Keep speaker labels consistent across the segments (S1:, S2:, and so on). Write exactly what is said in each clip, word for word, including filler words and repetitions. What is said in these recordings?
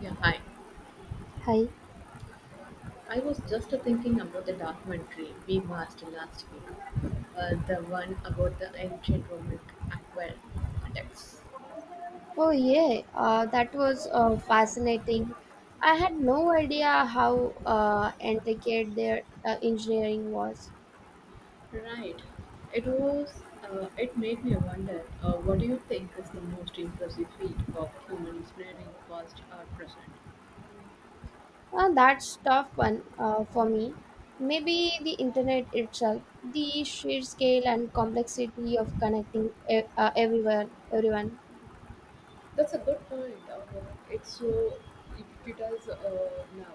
S1: Yeah, hi.
S2: Hi.
S1: I was just thinking about the documentary we watched last week, uh, the one about the ancient Roman aqueducts.
S2: Oh, yeah, uh, that was uh, fascinating. I had no idea how uh, intricate their uh, engineering was.
S1: Right. It was. Uh, it made me wonder. Uh, what do you think is the most impressive feat of human engineering, past or present?
S2: Uh, that's tough one uh, for me. Maybe the internet itself, the sheer scale and complexity of connecting e- uh, everyone, everyone.
S1: That's a good point. Uh, it's so ubiquitous uh, now.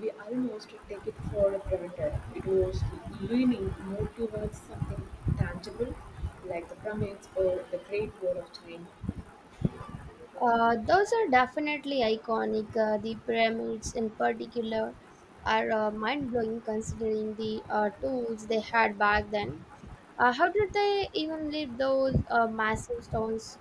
S1: We almost take it for granted. It was leaning more towards something tangible, like the pyramids or the Great Wall of China.
S2: Uh, those are definitely iconic. Uh, the pyramids, in particular, are uh, mind blowing considering the uh, tools they had back then. Uh, how did they even lift those uh, massive stones?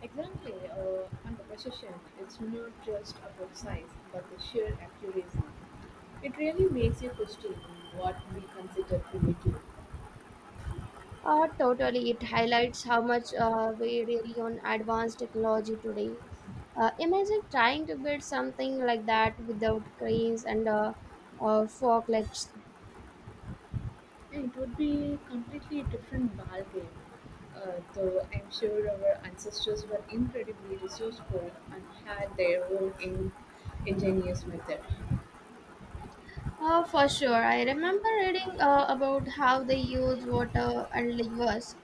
S1: Exactly, uh, and the precision. It's not just about size, but the sheer accuracy. It really makes you question what we consider primitive.
S2: Uh, totally, it highlights how much uh, we rely on advanced technology today. Uh, imagine trying to build something like that without cranes and uh, uh, forklifts.
S1: It would be completely different ballgame, uh, though I'm sure our ancestors were incredibly resourceful and had their own in- ingenious method.
S2: Oh, for sure. I remember reading uh, about how they use water and levers.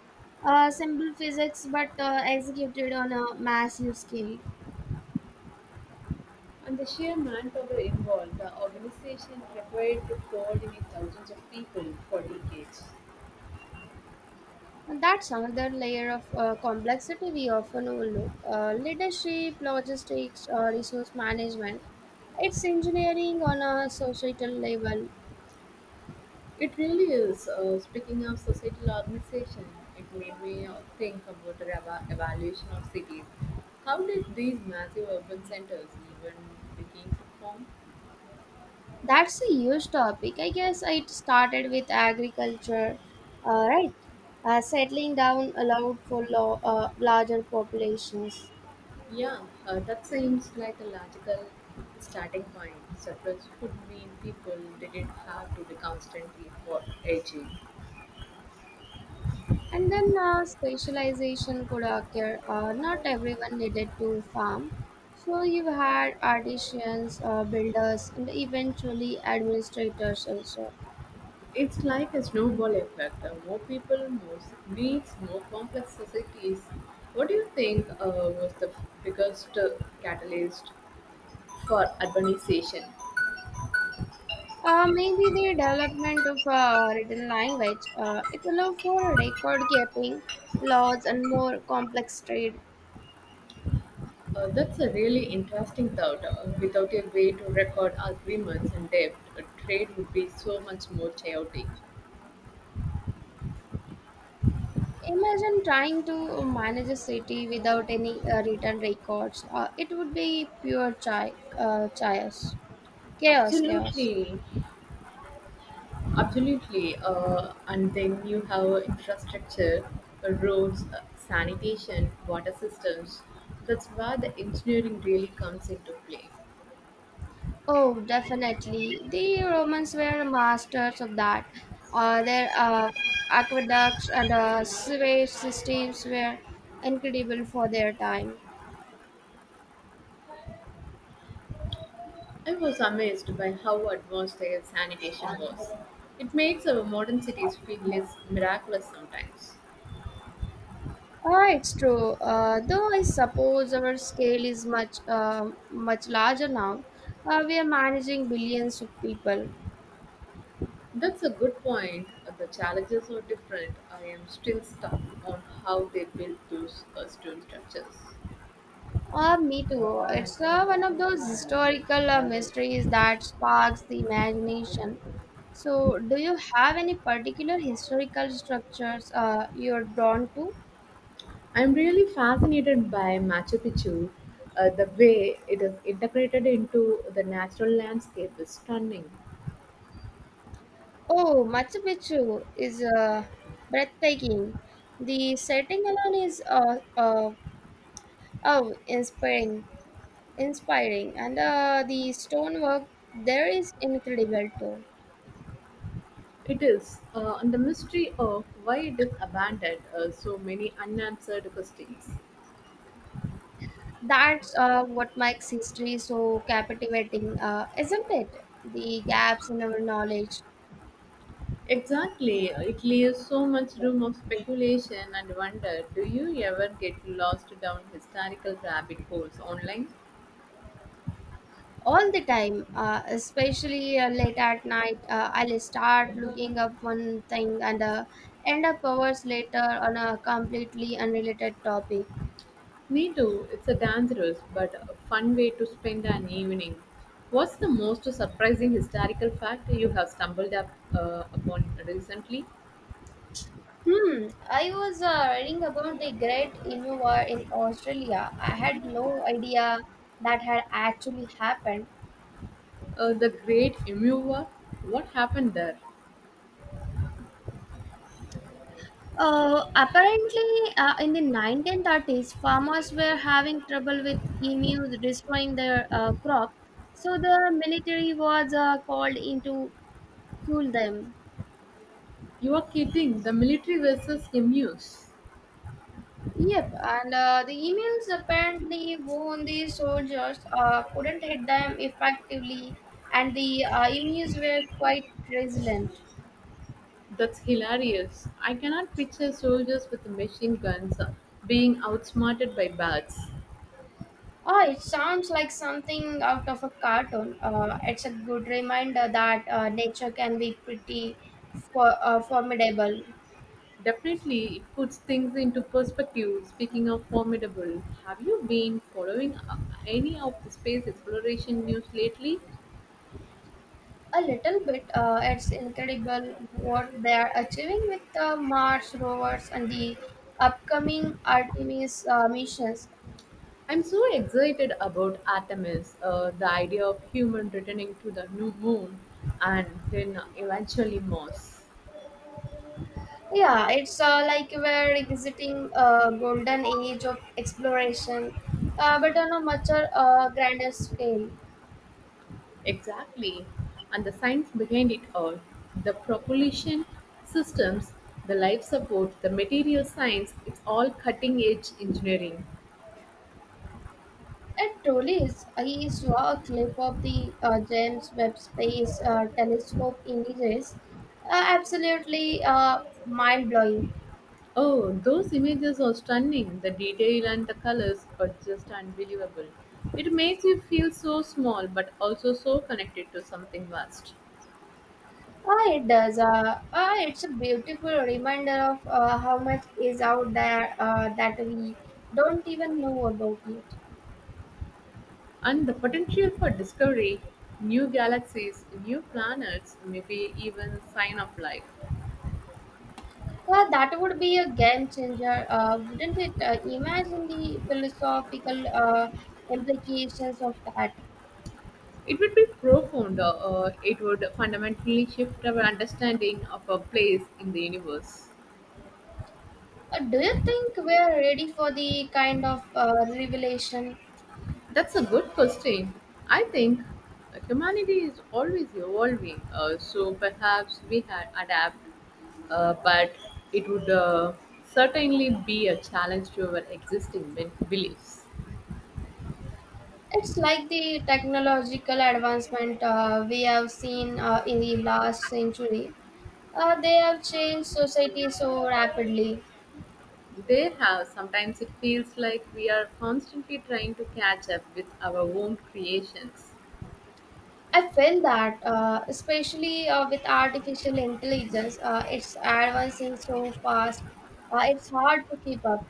S2: Uh, simple physics, but uh, executed on a massive scale.
S1: And the sheer manpower involved, the organization required to coordinate thousands of people for decades.
S2: And that's another layer of uh, complexity we often overlook. Uh, leadership, logistics, uh, resource management. It's engineering on a societal level.
S1: It really is. Uh, speaking of societal organization, it made me uh, think about the eva- evaluation of cities. How did these massive urban centers even begin to form?
S2: That's a huge topic. I guess it started with agriculture, uh, right? Uh, settling down allowed for lo- uh, larger populations.
S1: Yeah, uh, that seems like a logical starting point. Surplus would mean people didn't have to be constantly for aging.
S2: And then uh, specialization could occur. Uh, not everyone needed to farm. So you had artisans, uh, builders, and eventually administrators also.
S1: It's like a snowball effect. Uh, more people more s- needs more complex societies. What do you think uh, was the biggest uh, catalyst for urbanization?
S2: Uh, maybe the development of a written language. Uh, it allowed for record keeping, laws, and more complex trade.
S1: Uh, that's a really interesting thought. Uh, without a way to record agreements and debt, uh, trade would be so much more chaotic.
S2: Imagine trying to manage a city without any uh, written records. Uh, it would be pure chi- uh, chaos. Chaos, chaos.
S1: Absolutely. Absolutely. Uh, and then you have infrastructure, uh, roads, uh, sanitation, water systems. That's where the engineering really comes into play.
S2: Oh, definitely. The Romans were masters of that. Uh, their uh, aqueducts and uh, sewage systems were incredible for their time.
S1: I was amazed by how advanced their sanitation was. It makes our modern cities feel less miraculous sometimes.
S2: Ah, it's true. Uh, though I suppose our scale is much, uh, much larger now. Uh, we are managing billions of people.
S1: That's a good point. Uh, The challenges are different. I am still stuck on how they built those uh, stone structures.
S2: Uh, me too. It's uh, one of those historical uh, mysteries that sparks the imagination. So, do you have any particular historical structures uh, you're drawn to?
S1: I'm really fascinated by Machu Picchu. Uh, the way it is integrated into the natural landscape is stunning.
S2: Oh, Machu Picchu is uh, breathtaking. The setting alone is uh, uh, oh, inspiring, inspiring, and uh, the stonework there is incredible too.
S1: It is, uh, and the mystery of why it is abandoned, uh, so many unanswered questions.
S2: That's uh, what makes history so captivating, uh, isn't it? The gaps in our knowledge
S1: Exactly, uh, it leaves so much room of speculation and wonder. Do you ever get lost down historical rabbit holes online?
S2: all the time, uh, especially uh, late at night. Uh, I'll start looking up one thing and uh, end up hours later on a completely unrelated topic.
S1: Me too. It's a dangerous but a fun way to spend an evening. What's the most surprising historical fact you have stumbled up, uh, upon recently?
S2: Hmm, I was uh, reading about the Great Inuwa in Australia. I had no idea that had actually happened.
S1: Uh, the Great Emu War. What happened there?
S2: Uh, apparently, uh, in the nineteen thirties, farmers were having trouble with emus destroying their uh, crop, so the military was uh, called in to kill them.
S1: You are kidding. The military versus emus.
S2: Yep, and uh, the emails apparently warned the soldiers uh, couldn't hit them effectively, and the uh, emails were quite resilient.
S1: That's hilarious. I cannot picture soldiers with machine guns being outsmarted by bats.
S2: Oh, it sounds like something out of a cartoon. Uh, it's a good reminder that uh, nature can be pretty for, uh, formidable.
S1: Definitely, it puts things into perspective. Speaking of formidable, have you been following uh, any of the space exploration news lately?
S2: A little bit. Uh, it's incredible what they are achieving with the Mars rovers and the upcoming Artemis uh, missions.
S1: I'm so excited about Artemis, uh, the idea of human returning to the new moon and then eventually Mars.
S2: Yeah, it's uh, like we're exiting a golden age of exploration, uh, but on a much uh, grander scale.
S1: Exactly, and the science behind it all the propulsion systems, the life support, the material science, it's all cutting edge engineering.
S2: It truly is. I saw a clip of the uh, James Webb Space uh, Telescope images. Uh, absolutely uh, mind blowing.
S1: Oh, those images are stunning. The detail and the colors are just unbelievable. It makes you feel so small but also so connected to something vast.
S2: Uh, it does. Uh, uh, it's a beautiful reminder of uh, how much is out there uh, that we don't even know about yet.
S1: And the potential for discovery, new galaxies, new planets, maybe even sign of life.
S2: Uh, that would be a game changer, uh, wouldn't it? Uh, imagine the philosophical uh, implications of that.
S1: It would be profound. Uh, uh, it would fundamentally shift our understanding of our place in the universe.
S2: Uh, Do you think we are ready for the kind of uh, revelation?
S1: That's a good question. I think like, humanity is always evolving, uh, so perhaps we can adapt, uh, but it would uh, certainly be a challenge to our existing ben- beliefs.
S2: It's like the technological advancement uh, we have seen uh, in the last century. Uh, they have changed society so rapidly.
S1: There have sometimes it feels like we are constantly trying to catch up with our own creations.
S2: I feel that, uh, especially uh, with artificial intelligence, uh, it's advancing so fast. Uh, it's hard to keep up.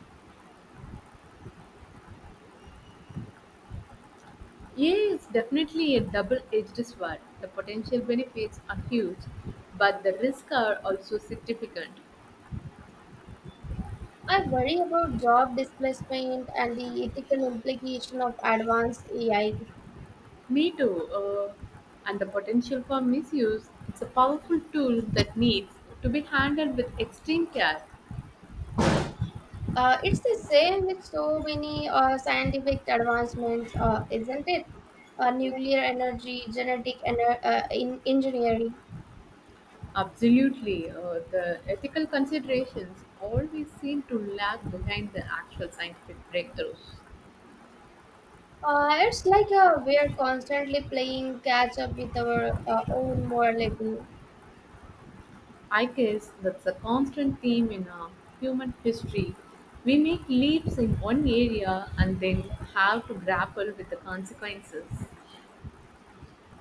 S1: A I is definitely a double edged sword. The potential benefits are huge, but the risks are also significant.
S2: I worry about job displacement and the ethical implication of advanced A I.
S1: Me too. Uh, and the potential for misuse. It's a powerful tool that needs to be handled with extreme care.
S2: Uh, it's the same with so many uh, scientific advancements, uh, isn't it? Uh, nuclear energy, genetic ener- uh, in engineering.
S1: Absolutely. Uh, the ethical considerations always seem to lag behind the actual scientific breakthroughs.
S2: Uh, it's like uh, we're constantly playing catch up with our uh, own morality.
S1: I guess that's a constant theme in our human history. We make leaps in one area and then have to grapple with the consequences.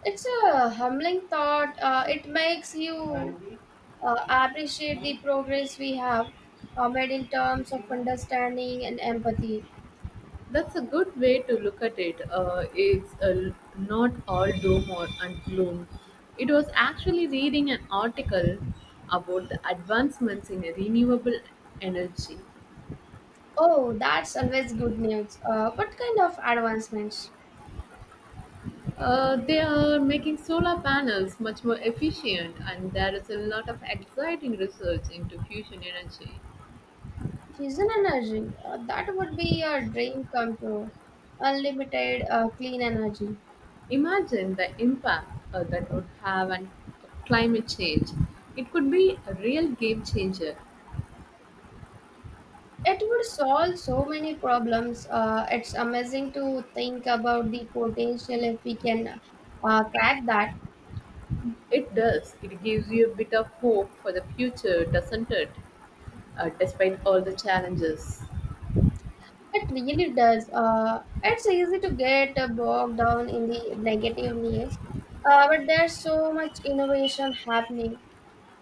S2: It's a humbling thought. Uh, it makes you uh, appreciate the progress we have uh, made in terms of understanding and empathy.
S1: That's a good way to look at it. Uh, it's uh, not all doom or and gloom. It was actually reading an article about the advancements in renewable energy.
S2: Oh, that's always good news. Uh, what kind of advancements?
S1: Uh, they are making solar panels much more efficient, and there is a lot of exciting research into fusion energy.
S2: Fusion energy, uh, that would be a dream come true. Unlimited uh, clean energy.
S1: Imagine the impact uh, that would have on climate change. It could be a real game changer.
S2: It would solve so many problems. Uh, it's amazing to think about the potential if we can uh, crack that.
S1: It does. It gives you a bit of hope for the future, doesn't it? Uh, despite all the challenges.
S2: It really does. Uh, it's easy to get uh, bogged down in the negative news, uh, but there's so much innovation happening.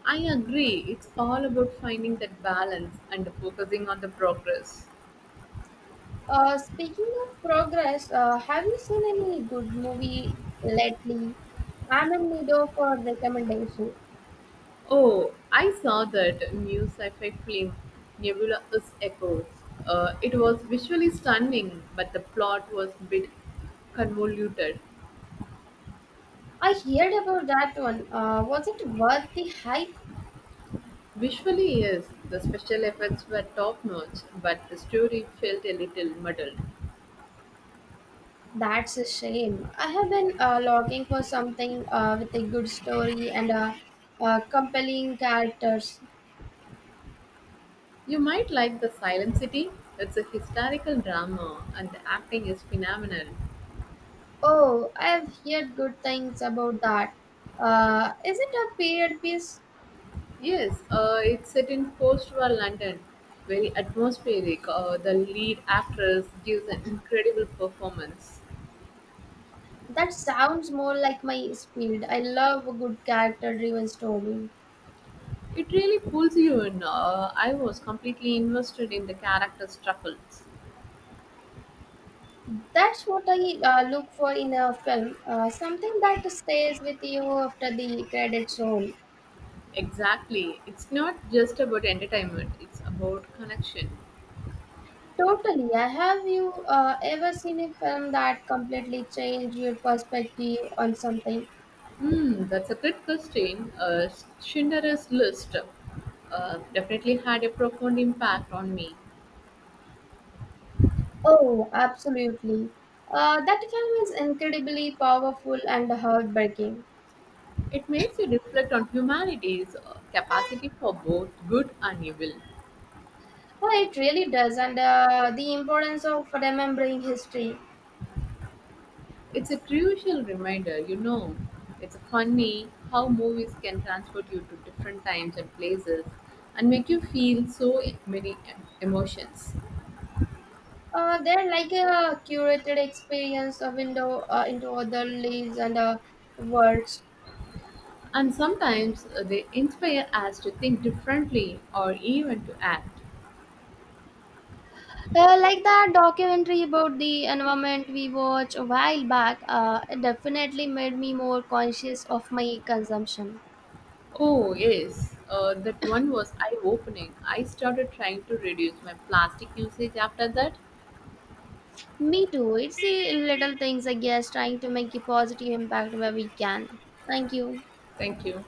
S1: I agree. It's all about finding that balance and focusing on the progress.
S2: Uh, speaking of progress, uh, have you seen any good movie lately? I'm in need of a recommendation.
S1: Oh, I saw that new sci fi film, Nebula is Echo. Uh, it was visually stunning, but the plot was a bit convoluted.
S2: I heard about that one. Uh, was it worth the hype?
S1: Visually, yes, the special effects were top notch, but the story felt a little muddled.
S2: That's a shame. I have been uh, looking for something uh, with a good story and uh, uh, compelling characters.
S1: You might like The Silent City. It's a historical drama and the acting is phenomenal.
S2: Oh, I've heard good things about that. Uh, is it a period piece?
S1: Yes, uh, it's set in post war London. Very atmospheric. Uh, the lead actress gives an incredible performance.
S2: That sounds more like my speed. I love a good character-driven story.
S1: It really pulls you in. Uh, I was completely invested in the character's struggles.
S2: That's what I uh, look for in a film. Uh, something that stays with you after the credits roll.
S1: Exactly. It's not just about entertainment, it's about connection.
S2: Totally. I have you uh, ever seen a film that completely changed your perspective on something?
S1: Hmm, that's a great question. Uh, Schindler's List uh, definitely had a profound impact on me.
S2: Oh, absolutely. Uh, that film is incredibly powerful and heartbreaking.
S1: It makes you reflect on humanity's uh, capacity for both good and evil.
S2: Oh, it really does, and uh, the importance of remembering history.
S1: It's a crucial reminder, you know. It's funny how movies can transport you to different times and places and make you feel so e, many uh, emotions.
S2: Uh, they're like a curated experience, a window uh, into other lives and uh, worlds.
S1: And sometimes uh, they inspire us to think differently or even to act.
S2: Uh, like that documentary about the environment we watched a while back, uh, it definitely made me more conscious of my consumption.
S1: Oh, yes, uh, that one was eye opening. I started trying to reduce my plastic usage after that.
S2: Me too. It's the little things, I guess, trying to make a positive impact where we can. Thank you.
S1: Thank you.